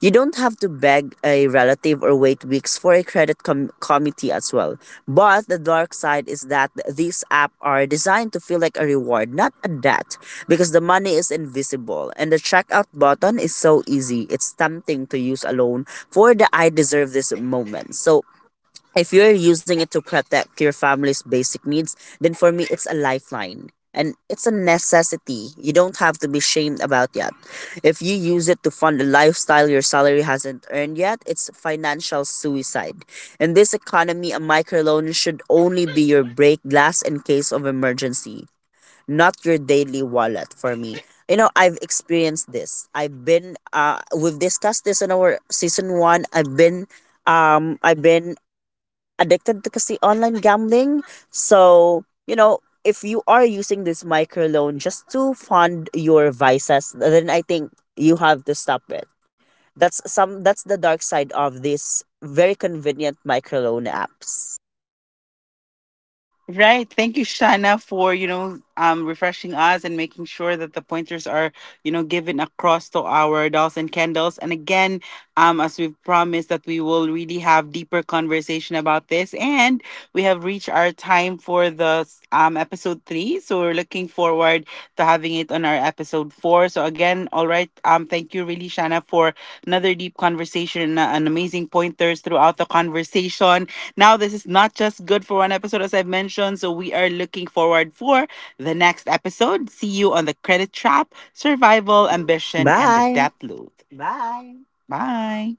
Speaker 2: you don't have to beg a relative or wait weeks for a credit committee as well. But the dark side is that these apps are designed to feel like a reward, not a debt, because the money is invisible and the checkout button is so easy. It's tempting to use alone for the I deserve this moment. So if you're using it to protect your family's basic needs, then for me it's a lifeline. And it's a necessity. You don't have to be shamed about that. If you use it to fund a lifestyle your salary hasn't earned yet, it's financial suicide. In this economy, a microloan should only be your break glass in case of emergency, not your daily wallet for me. You know, I've experienced this. I've been We've discussed this in our season 1. I've been addicted to kasi online gambling. So, you know, if you are using this microloan just to fund your vices, then I think you have to stop it. That's the dark side of these very convenient microloan apps.
Speaker 1: Right. Thank you, Shana, for refreshing us and making sure that the pointers are given across to our dolls and candles. And again, as we've promised that we will really have deeper conversation about this. And we have reached our time for the episode three. So we're looking forward to having it on our episode four. So again, all right. Thank you really, Shana, for another deep conversation, and amazing pointers throughout the conversation. Now, this is not just good for one episode, as I've mentioned, so we are looking forward for the next episode. See you on the credit trap, survival, ambition, and the
Speaker 2: Bye.
Speaker 1: death loop. Bye. Bye.